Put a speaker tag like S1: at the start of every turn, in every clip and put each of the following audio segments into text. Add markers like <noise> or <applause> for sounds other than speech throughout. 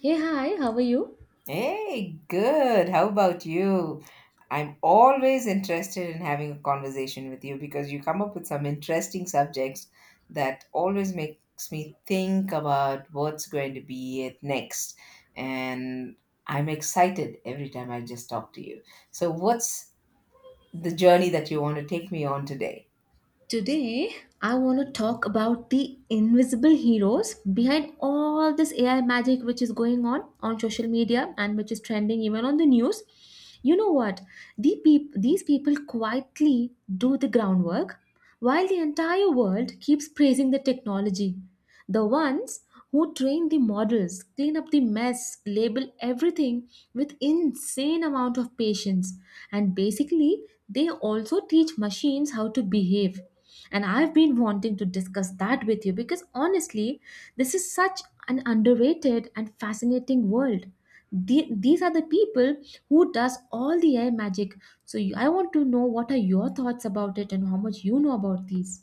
S1: Hey, hi, how are you?
S2: Hey, good. How about you? I'm always interested in having a conversation with you because you come up with some interesting subjects that always makes me think about what's going to be it next. And I'm excited every time I just talk to you. So, what's the journey that you want to take me on today?
S1: Today, I want to talk about the invisible heroes behind all this AI magic which is going on social media and which is trending even on the news. You know what? These people quietly do the groundwork while the entire world keeps praising the technology. The ones who train the models, clean up the mess, label everything, with insane amount of patience, and basically they also teach machines how to behave. And I've been wanting to discuss that with you because honestly this is such an underrated and fascinating world. These are the people who does all the AI magic. So I want to know what are your thoughts about it and how much you know about these.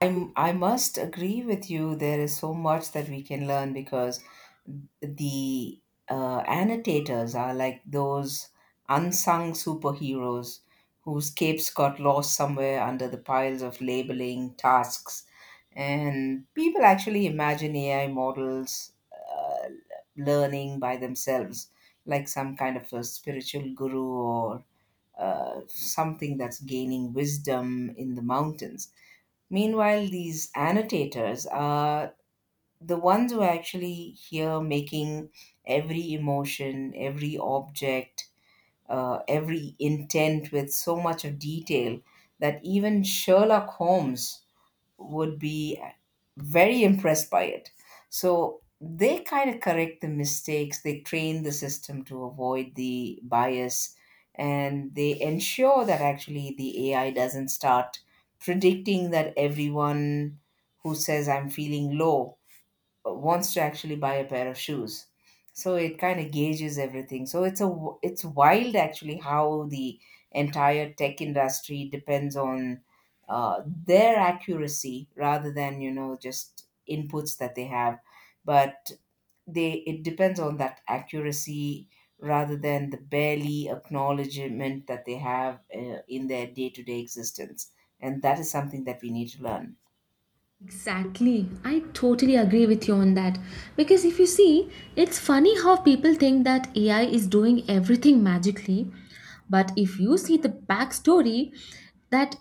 S2: I must agree with you. There is so much that we can learn because the annotators are like those unsung superheroes whose capes got lost somewhere under the piles of labeling tasks. And people actually imagine AI models uh, learning by themselves, like some kind of a spiritual guru or something that's gaining wisdom in the mountains. Meanwhile, these annotators are the ones who are actually here making every emotion, every object, every intent with so much of detail that even Sherlock Holmes would be very impressed by it. So they kind of correct the mistakes, they train the system to avoid the bias, and they ensure that actually the AI doesn't start predicting that everyone who says, I'm feeling low, wants to actually buy a pair of shoes. So it kind of gauges everything. So it's wild actually how the entire tech industry depends on their accuracy rather than you know just inputs that they have. But they it depends on that accuracy rather than the barely acknowledgement that they have in their day-to-day existence, and that is something that we need to learn.
S1: Exactly. I totally agree with you on that. Because if you see, it's funny how people think that AI is doing everything magically. But if you see the backstory that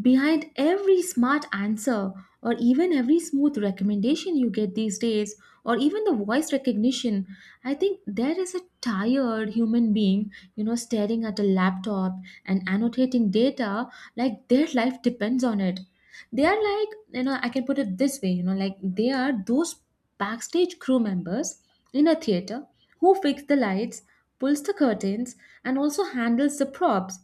S1: behind every smart answer, or even every smooth recommendation you get these days, or even the voice recognition, I think there is a tired human being, you know, staring at a laptop and annotating data like their life depends on it. They are like, you know, I can put it this way, you know, like they are those backstage crew members in a theater who fix the lights, pulls the curtains, and also handles the props.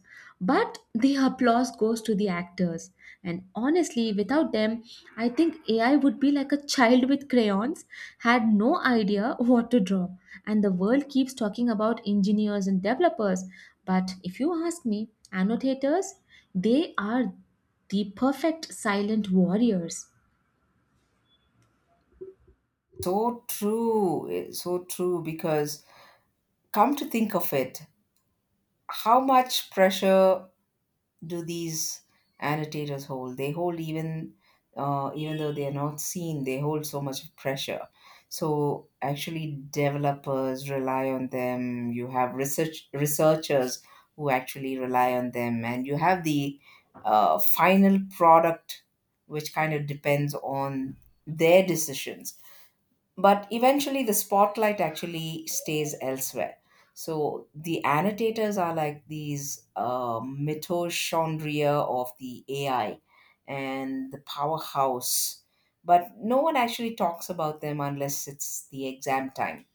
S1: But the applause goes to the actors. And honestly, without them, I think AI would be like a child with crayons, had no idea what to draw. And the world keeps talking about engineers and developers, but if you ask me, annotators, they are the perfect silent warriors.
S2: So true, eh, so true. Because come to think of it, how much pressure do these annotators hold? They hold even even though they are not seen, they hold so much pressure. So actually, developers rely on them. You have researchers who actually rely on them, and you have the final product, which kind of depends on their decisions, but eventually the spotlight actually stays elsewhere. So the annotators are like these mitochondria of the AI and the powerhouse, but no one actually talks about them unless it's the exam time.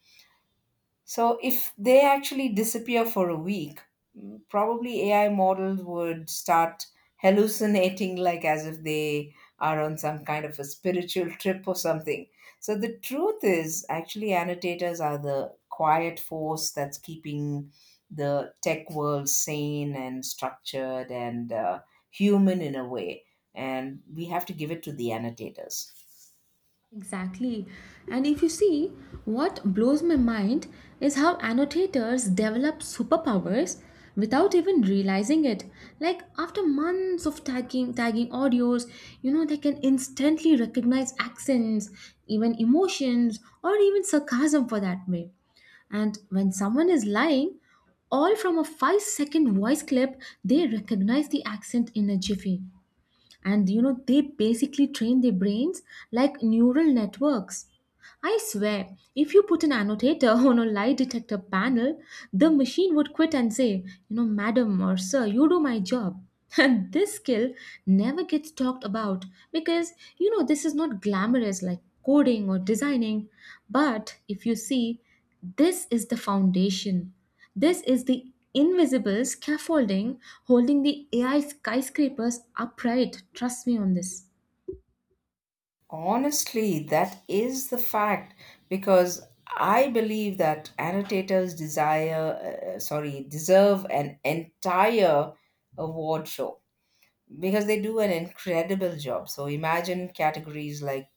S2: So if they actually disappear for a week, probably AI models would start hallucinating like as if they are on some kind of a spiritual trip or something. So the truth is actually annotators are the quiet force that's keeping the tech world sane and structured and human in a way. And we have to give it to the annotators.
S1: Exactly. And if you see, what blows my mind is how annotators develop superpowers without even realizing it. Like after months of tagging audios, you know, they can instantly recognize accents, even emotions, or even sarcasm for that way. And when someone is lying, all from a 5-second voice clip, they recognize the accent in a jiffy. And you know, they basically train their brains like neural networks. I swear, if you put an annotator <laughs> on a lie detector panel, the machine would quit and say, you know, madam or sir, you do my job. <laughs> And this skill never gets talked about because, you know, this is not glamorous like coding or designing. But if you see, this is the foundation. This is the invisible scaffolding holding the AI skyscrapers upright. Trust me on this.
S2: Honestly, that is the fact. Because I believe that annotators deserve an entire award show because they do an incredible job. So imagine categories like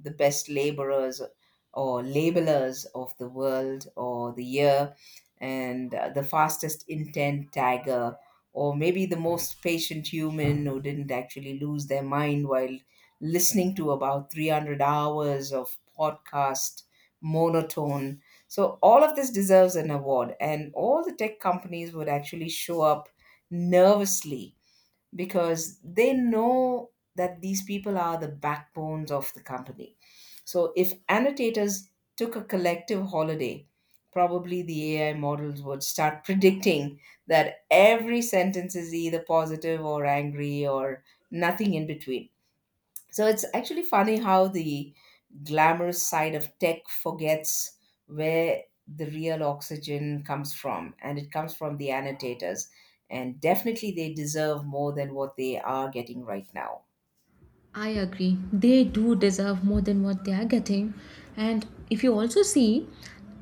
S2: the best laborers or labelers of the world or the year, and the fastest intent tagger, or maybe the most patient human who didn't actually lose their mind while listening to about 300 hours of podcast monotone. So all of this deserves an award, and all the tech companies would actually show up nervously because they know that these people are the backbones of the company. So if annotators took a collective holiday, probably the AI models would start <laughs> predicting that every sentence is either positive or angry or nothing in between. So it's actually funny how the glamorous side of tech forgets where the real oxygen comes from, and it comes from the annotators. And definitely, they deserve more than what they are getting right now.
S1: I agree. They do deserve more than what they are getting. And if you also see,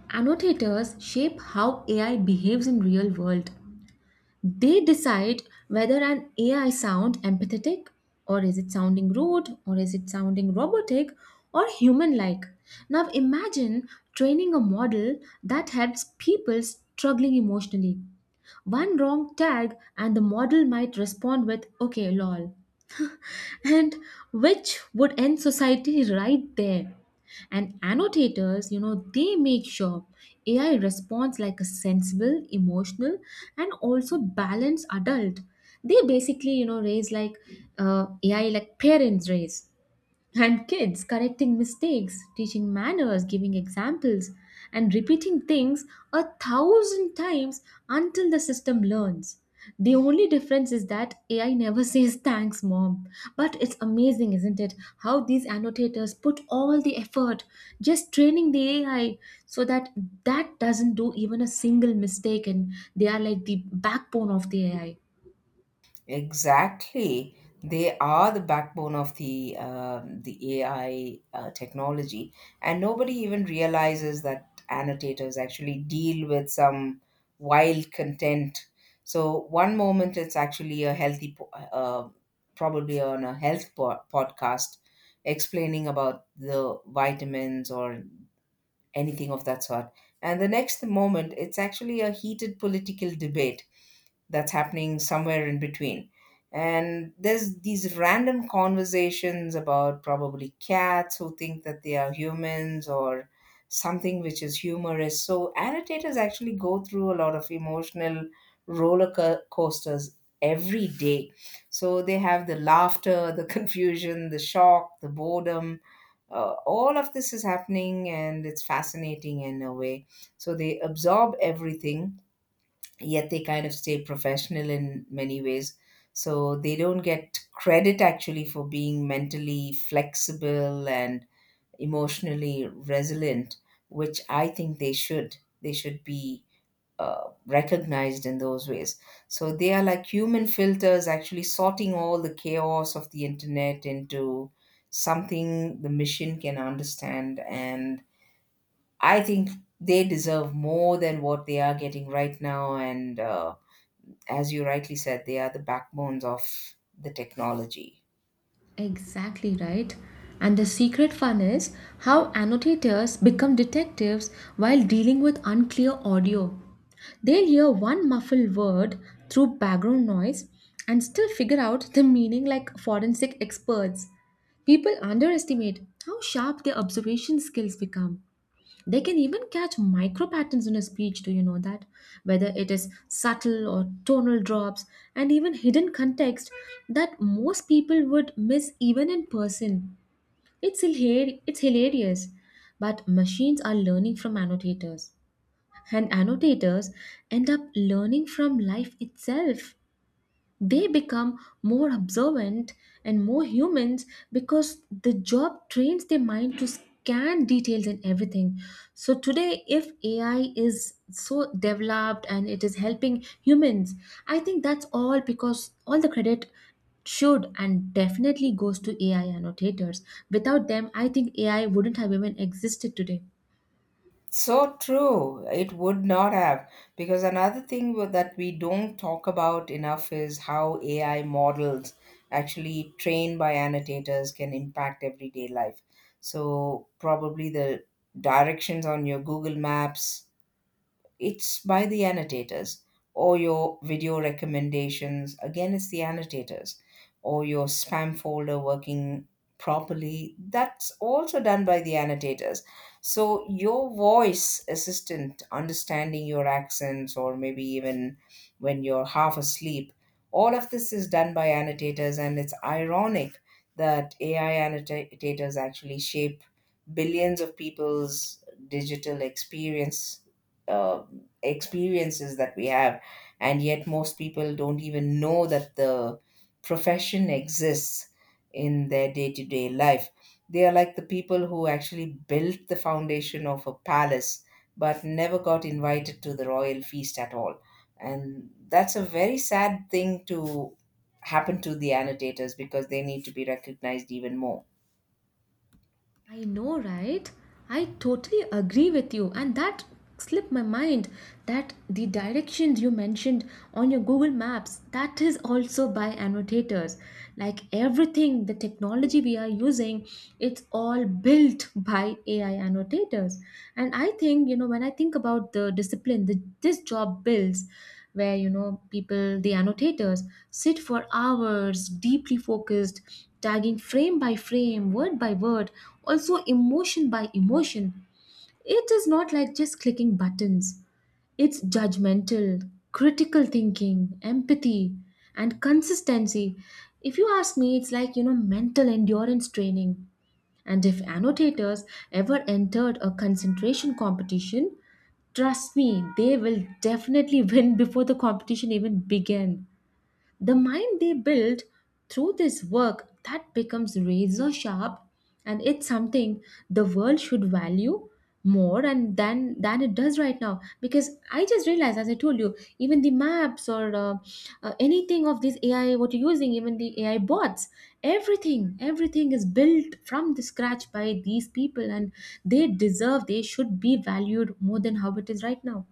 S1: annotators shape how AI behaves in real world. They decide whether an AI sound empathetic, or is it sounding rude, or is it sounding robotic or human like. Now imagine training a model that helps people struggling emotionally. One wrong tag and the model might respond with okay lol, and which would end society right there. And annotators, you know, they make sure AI responds like a sensible, emotional, and also balanced adult. They basically, you know, raise like AI like parents raise. And kids correcting mistakes, teaching manners, giving examples, and repeating things a thousand times until the system learns. The only difference is that AI never <laughs> says thanks, mom. But it's amazing, isn't it? How these annotators put all the effort just training the AI so that that doesn't do even a single mistake, and they are like the backbone of the AI.
S2: Exactly. They are the backbone of the AI technology, and nobody even realizes that annotators actually deal with some wild content. So one moment it's actually a probably on a podcast, explaining about the vitamins or anything of that sort, and the next moment it's actually a heated political debate that's happening somewhere in between. And there's these random conversations about probably cats who think that they are humans or something, which is humorous. So annotators actually go through a lot of emotional coasters every day. So they have the laughter, the <laughs> confusion, the shock, the boredom. All of this is happening and it's fascinating in a way. So they absorb everything yet they kind of stay professional in many ways. So they don't get credit actually for being mentally flexible and emotionally resilient, which I think they should. They should be recognized in those ways. So they are like human filters, actually sorting all the chaos of the internet into something the machine can understand. And I think they deserve more than what they are getting right now. And as you rightly said, they are the backbones of the technology.
S1: Exactly right. And the secret fun is how annotators become detectives while dealing with unclear audio. They'll hear one muffled word through background noise and still figure out the meaning like forensic experts. People underestimate how sharp their observation skills become. They can even catch micro patterns in a speech, do you know that? Whether it is subtle or tonal drops and even hidden context that most people would miss even in person. It's hilarious. But machines are learning from annotators, and annotators end up learning from life itself. They become more observant and more humans because the job trains their mind to scan details in everything. So today if AI is so developed and it is helping humans, I think that's all because all the credit should and definitely goes to AI annotators. Without them I think AI wouldn't have even existed today.
S2: So true. It would not have. Because another that we don't talk about enough is how AI models, actually trained by annotators, can impact everyday life. So, probably the directions on your Google Maps, it's by the annotators, or your video recommendations, again it's the annotators, or your spam folder working properly, that's also done by the annotators. So your voice assistant understanding your accents or maybe even when you're half asleep, all of this is done by annotators. And it's ironic that AI annotators actually shape billions of people's digital experience. Uh experiences that we have, and yet most people don't even know that the profession exists in their day-to-day life. They are like the people who actually built the foundation of a palace but never got invited to the royal feast at all. And that's a very sad thing to happen to the annotators, because they need to be recognized even more.
S1: I know, right? I totally agree with you, and that slipped my mind that the directions you mentioned on your Google Maps that is also by annotators. Like everything, the technology we are using, it's all built by AI annotators. And I think, you know, when I think about the discipline that this job builds, where you know people the annotators sit for hours deeply focused, tagging frame by frame, word by word, also emotion by emotion. It is not like just clicking buttons. It's judgmental, critical thinking, empathy, and consistency. If you ask me, it's like, you know, mental endurance training. And if annotators ever entered a concentration competition, trust me, they will definitely <laughs> win before the competition even began. The mind they build through this work that becomes razor sharp, and it's something the world should value more and than it does right now. Because I just realized, as I told you, even the maps or anything of this AI what you're using, even the AI bots, everything is built from the scratch by these people, and they should be valued more than how it is right now.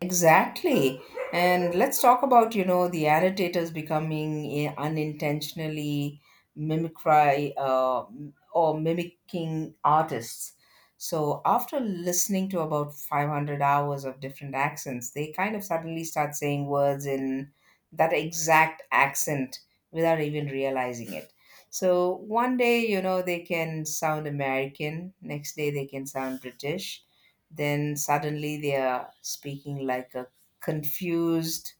S2: Exactly. And let's talk about, you know, the annotators becoming eh, unintentionally mimicry m- or mimicking artists. So after listening to about 500 hours of different accents, they kind of suddenly start saying words in that exact accent without even realizing it. So one day, you know, they can sound American, next day they can sound British, then suddenly they are speaking like a confused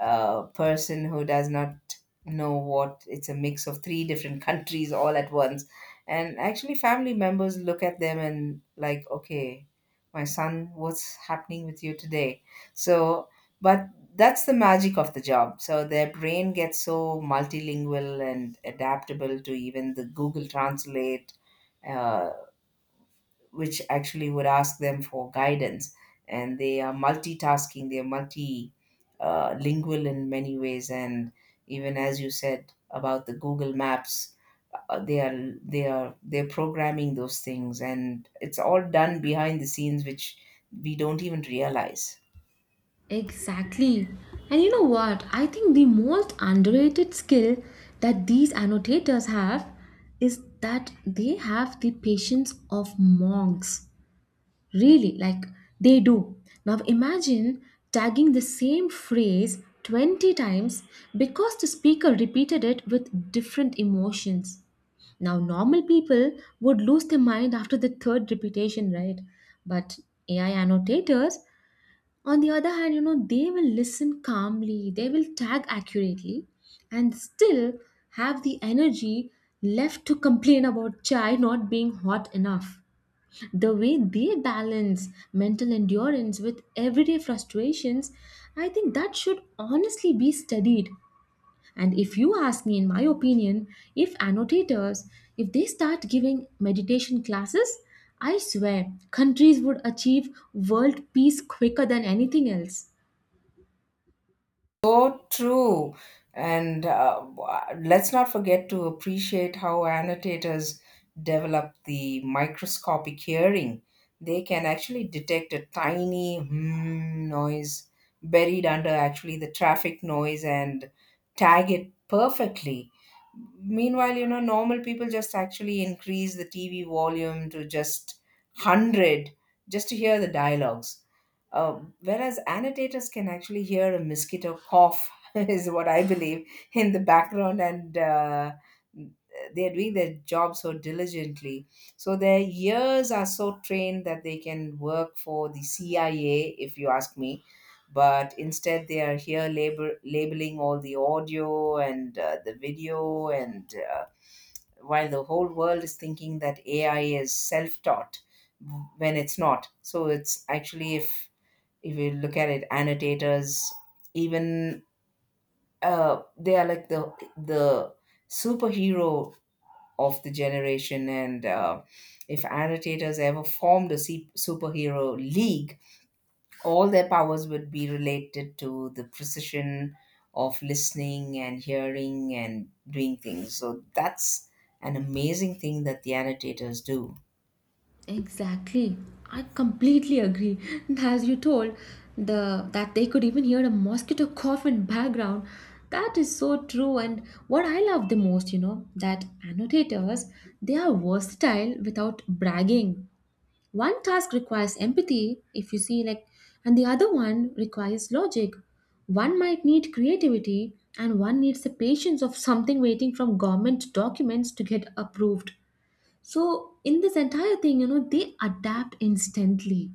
S2: person who does not know what it's a mix of three different <laughs> countries all at once. And actually family members look at them and like, okay, my son, what's happening with you today? So but that's the magic of the job. So their brain gets so multilingual and adaptable to even the Google Translate, uh, which actually would ask them for guidance. And they are multitasking, they're multi lingual in many ways. And even as you said about the Google Maps, they're programming those things, and it's all done behind the scenes, which we don't even realize.
S1: Exactly. And you know what? I think the most underrated skill that these annotators have is that they have the patience of monks. Really, like they do. Now imagine tagging the same phrase 20 times because the speaker repeated it with different emotions. Now, normal people would lose their mind after the third repetition, right? But AI annotators, on the other hand, you know, they will listen calmly, they will tag accurately, and still have the energy left to complain about chai not being hot enough. The way they balance mental endurance with everyday frustrations, I think that should honestly be studied. And if you ask me, in my opinion, if annotators, if they start giving meditation classes, I swear countries would achieve world peace quicker than anything else.
S2: So true. And let's not forget to appreciate how annotators develop the microscopic hearing. They can actually detect a tiny hmm noise buried under actually the traffic noise and tag it perfectly. Meanwhile, you know, normal people just actually increase the TV volume to just 100 just to hear the dialogues, whereas annotators can actually hear a mosquito cough, <laughs> is what I believe, in the background, and they're doing their job so diligently. So their ears are so trained that they can work for the CIA, if you ask me. But instead, they are here labeling all the audio and the video, and while the whole world is thinking that AI is self taught when it's not. So it's actually, if you look at it, annotators even they are like the superhero of the generation. And if annotators ever formed a superhero league, all their powers would be related to the precision of listening and hearing and doing things. So that's an amazing thing that the annotators do.
S1: Exactly. I completely agree. <laughs> As you told, the that they could even hear a mosquito cough in background. That is so true. And what I love the most, you know, that annotators, they are versatile without bragging. One task requires empathy, if you see like, and the other one requires logic. One might need creativity and one needs the patience of something waiting from government documents to get approved. So, in this entire thing, you know, they adapt instantly.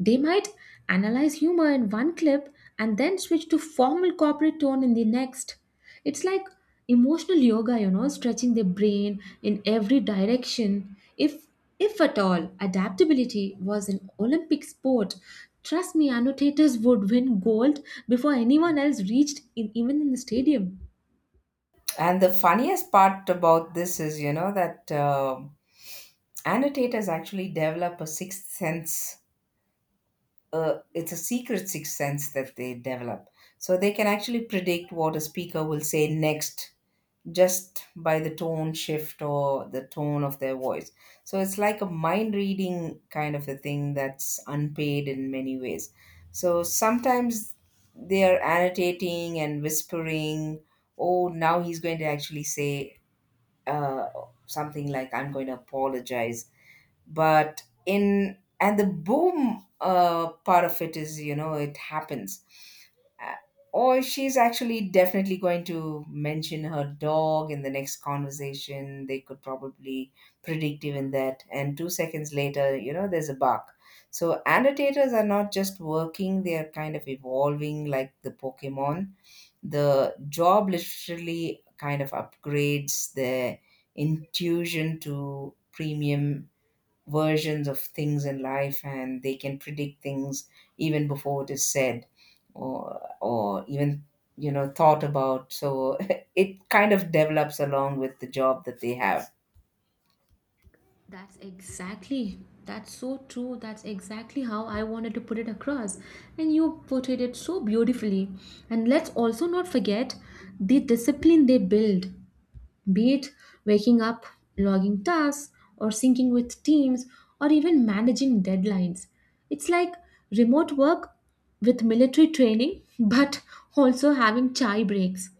S1: They might analyze humor in one clip and then switch to formal corporate tone in the next. It's like emotional yoga, you know, stretching the brain in every direction. If at all adaptability was an Olympic sport, trust me, annotators would win gold before anyone else reached in, even in the stadium.
S2: And the funniest part about this is, you know, that annotators actually develop a sixth sense. It's a secret sixth sense that they develop. So they can actually predict what a speaker will say next just by the tone shift or the tone of their voice. So it's like a mind reading kind of a thing that's unpaid in many ways. So sometimes they are annotating and whispering, oh, now he's going to actually say uh, something like, I'm going to apologize. But in, and the boom part of it is, you know, it happens. Uh, or she's actually definitely going to mention her dog in the next conversation. They could probably predict even that, and 2 seconds later, you know, there's a bark. So annotators are not just working, they are kind of evolving like the Pokemon. The job literally kind of upgrades their intuition to premium versions of things in life, and they can predict things even before it is said, or even, you know, thought about. So <laughs> it kind of develops along with the job that they have.
S1: That's exactly, that's so true. That's exactly how I wanted to put it across. And you portrayed it so beautifully. And let's also not forget the discipline they build, be it waking up, logging tasks, or syncing with teams, or even managing deadlines. It's like remote work with military training, <laughs> but also having chai breaks.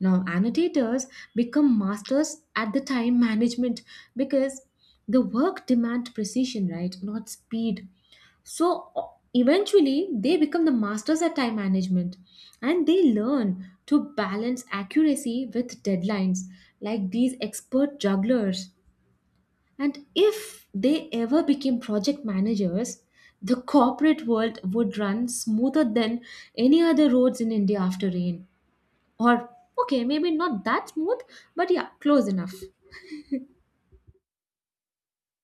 S1: Now, annotators become masters at the time management because the work demand precision, right? Not speed. So eventually, they become the masters at time management and they learn to balance accuracy with deadlines like these expert jugglers. And if they ever became project managers, the corporate world would run smoother than any other roads in India after rain. Or, okay, maybe not that smooth, but yeah, close enough.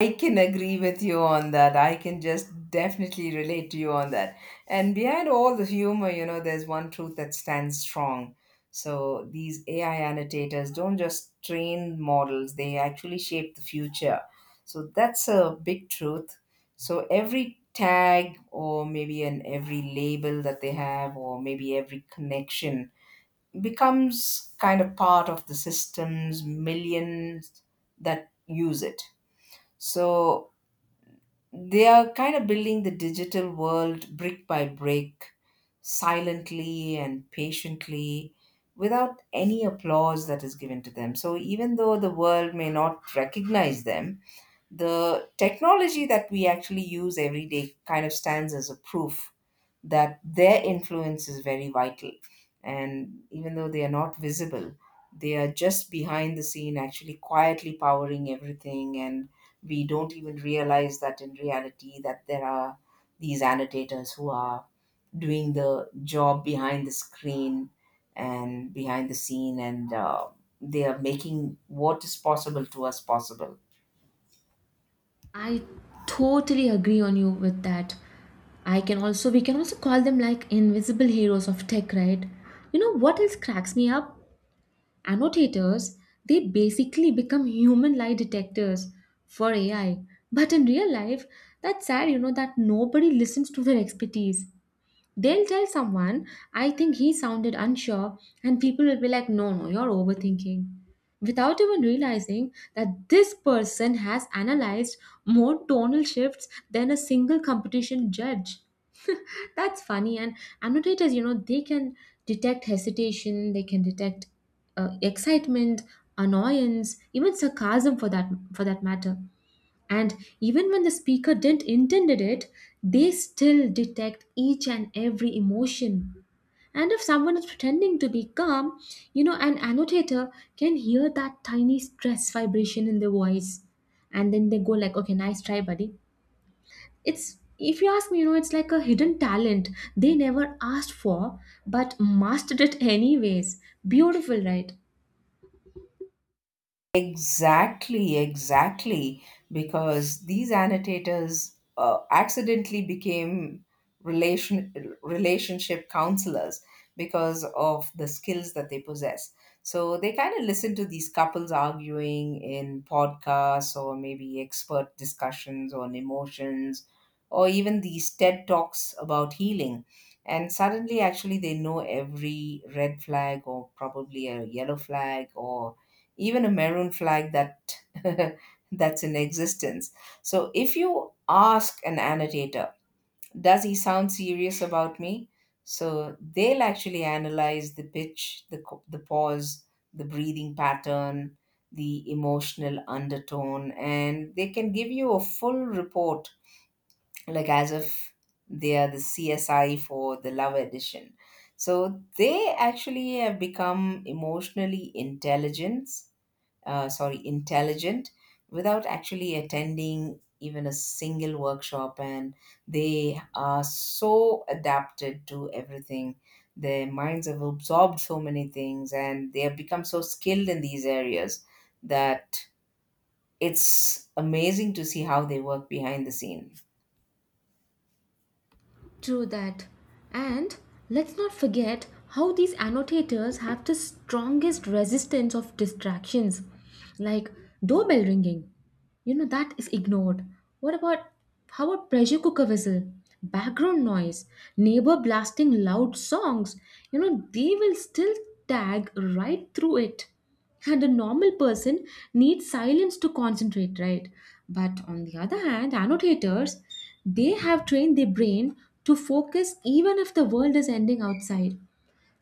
S2: I can agree with you on that. I can just definitely relate to you on that. And behind all the humor, you know, there's one truth that stands strong. So these AI annotators don't just train models, they actually shape the future. So that's a big truth. So every tag or maybe an every label that they have or maybe every connection becomes kind of part of the system's millions that use it. So they are kind of building the digital world brick by brick, silently and patiently, without any applause that is given to them. So, even though the world may not recognize them, the technology that we actually use every day kind of stands as a proof that their influence is very vital. And even though they are not visible, they are just behind the scene, actually quietly powering everything. And we don't even realize that in reality that there are these annotators who are doing the job behind the screen and behind the scene, and they are making what is possible to us possible.
S1: I totally agree on you with that. I can also We can also call them like invisible heroes of tech, right? You know what else cracks me up? Annotators, they basically become human lie detectors for AI. But in real life, that's sad, you know, that nobody listens to their expertise. They'll tell someone, I think he sounded unsure, and people will be like, no, no, you're overthinking. Without even realizing that this person has analyzed more tonal shifts than a single competition judge. <laughs> That's funny. And annotators, you know, they can detect hesitation, they can detect excitement, annoyance, even sarcasm for that matter. And even when the speaker didn't intended it, they still detect each and every emotion. And if someone is pretending to be calm, you know, an annotator can hear that tiny stress vibration in their voice, and then they go like, okay, nice try buddy it's If you ask me, you know, it's like a hidden talent they never asked for but mastered it anyways. Beautiful, right?
S2: Exactly, exactly. Because these annotators accidentally became relation relationship counselors because of the skills that they possess. So they kind of listen to these couples arguing in podcasts or maybe expert discussions on emotions or even these TED talks about healing. And suddenly, actually, they know every red flag or probably a yellow flag or even a maroon flag that <laughs> that's in existence. So if you ask an annotator, does he sound serious about me? So they'll actually analyze the pitch, the pause, the breathing pattern, the emotional undertone, and they can give you a full report, like as if they are the CSI for the Love Edition. So they actually have become emotionally intelligent without actually attending even a single workshop. And they are so adapted to everything. Their minds have absorbed so many things and they have become so skilled in these areas that it's amazing to see how they work behind the scene.
S1: True that. And let's not forget how these annotators have the strongest resistance of distractions, like doorbell ringing. You know, that is ignored. What about How about pressure cooker whistle, background noise, neighbor blasting loud songs? You know, they will still tag right through it. And a normal person needs silence to concentrate, right? But on the other hand, annotators, they have trained their brain to focus even if the world is ending outside.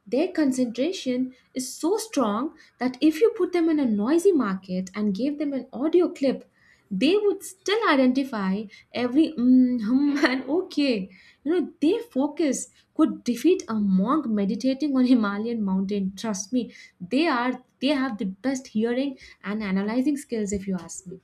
S1: Their concentration is so strong that if you put them in a noisy market and gave them an audio clip, they would still identify every mm, hum, <laughs> and okay. You know, their focus could defeat a monk meditating on Himalayan mountain. Trust me, they have the best hearing and analyzing skills if you ask me.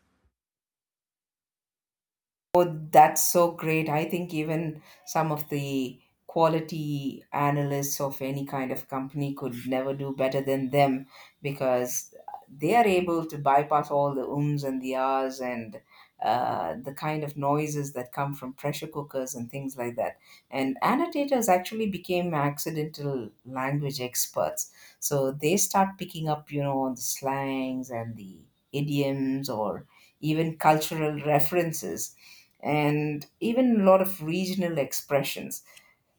S2: Oh, that's so great. I think even some of the quality analysts of any kind of company could never do better than them because they are able to bypass all the ums and the ahs and the kind of noises that come from pressure cookers and things like that. And annotators actually became accidental language experts. So they start picking up, you know, on the slangs and the idioms or even cultural references and even a lot of regional expressions.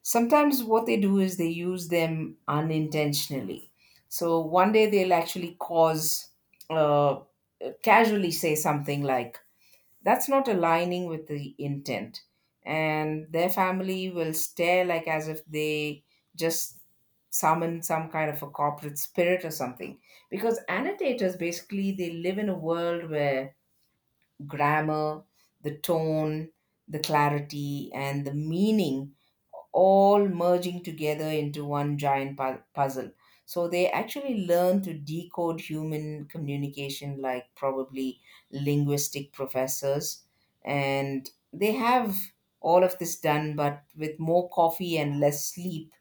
S2: Sometimes what they do is they use them unintentionally. So one day they'll actually uh, casually say something like, that's not aligning with the intent. And their family will stare like as if they just summon some kind of a corporate spirit or something. Because annotators basically they live in a world where grammar, the tone, the clarity, and the meaning all merging together into one giant puzzle. So they actually learn to decode human communication like probably linguistic professors. And they have all of this done, but with more coffee and less sleep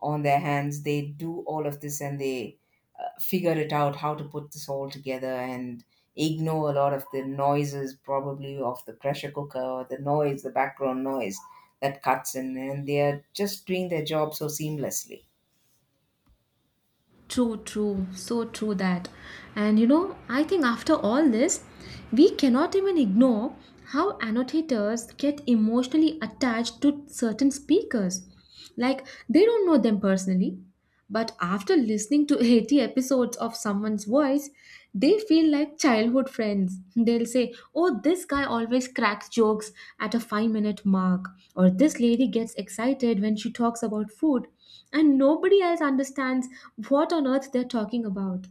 S2: on their hands, they do all of this and they figure it out how to put this all together and ignore a lot of the noises, probably of the pressure cooker or the noise, the background noise that cuts in, and they are just doing their job so seamlessly.
S1: True, true, so true that. And you know, I think after all this, we cannot even ignore how annotators get emotionally attached to certain speakers. Like, they don't know them personally, but after listening to 80 episodes of someone's voice, they feel like childhood friends. They'll say, oh, this guy always cracks jokes at a 5-minute mark, or this lady gets excited when she talks about food, and nobody else understands what on earth they're talking about.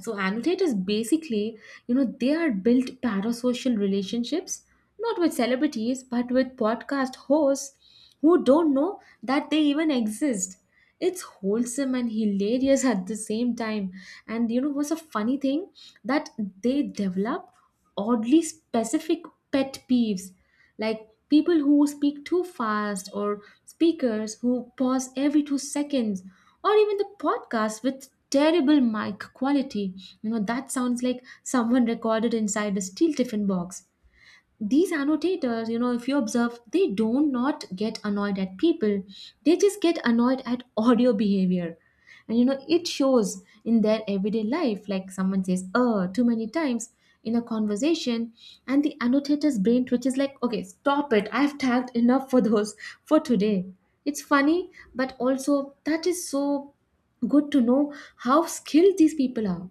S1: So annotators basically, you know, they are built parasocial relationships, not with celebrities, but with podcast hosts who don't know that they even exist. It's wholesome and hilarious at the same time. And you know what's a funny thing that they develop? Oddly specific pet peeves, like people who speak too fast, or speakers who pause every 2 seconds, or even the podcast with terrible mic quality, you know, that sounds like someone recorded inside a steel tiffin box. These annotators, you know, if you observe, they do not get annoyed at people, they just get annoyed at <laughs> audio behavior. And you know it shows in their everyday life, like someone says too many times in a conversation, and the annotator's brain twitches like, okay stop it, I've tagged enough for those <laughs> for today. It's funny, but also that is so good to know how skilled these people are.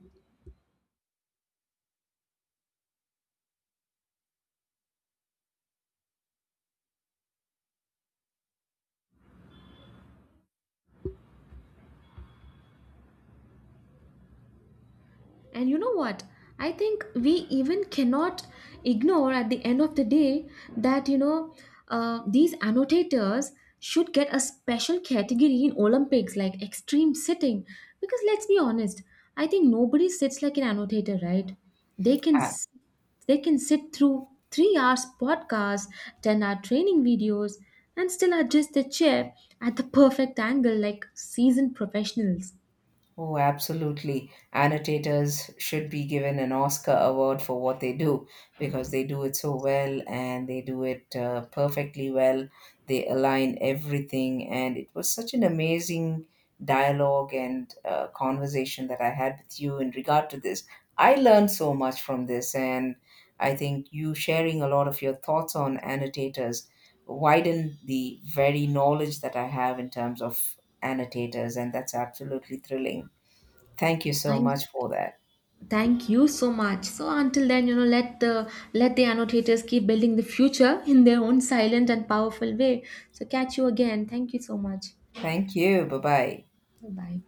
S1: And you know what? I think we even cannot ignore at the end of the day that, you know, these annotators should get a special category in Olympics, like extreme sitting. Because let's be honest, I think nobody sits like an annotator, right? They can s- they can sit through 3 hours podcasts, 10-hour training videos, and still adjust the chair at the perfect angle like seasoned professionals.
S2: Oh, absolutely. Annotators should be given an Oscar award for what they do because they do it so well and they do it perfectly well. They align everything, and it was such an amazing dialogue and conversation that I had with you in regard to this. I learned so much from this, and I think you sharing a lot of your thoughts on annotators widened the very knowledge that I have in terms of annotators, and that's absolutely thrilling. Thank you so
S1: I'm
S2: much for that.
S1: Thank you so much. So until then, you know, let the annotators keep building the future in their own silent and powerful way. So catch you again. Thank you so much.
S2: Thank you. Bye bye.
S1: Bye bye.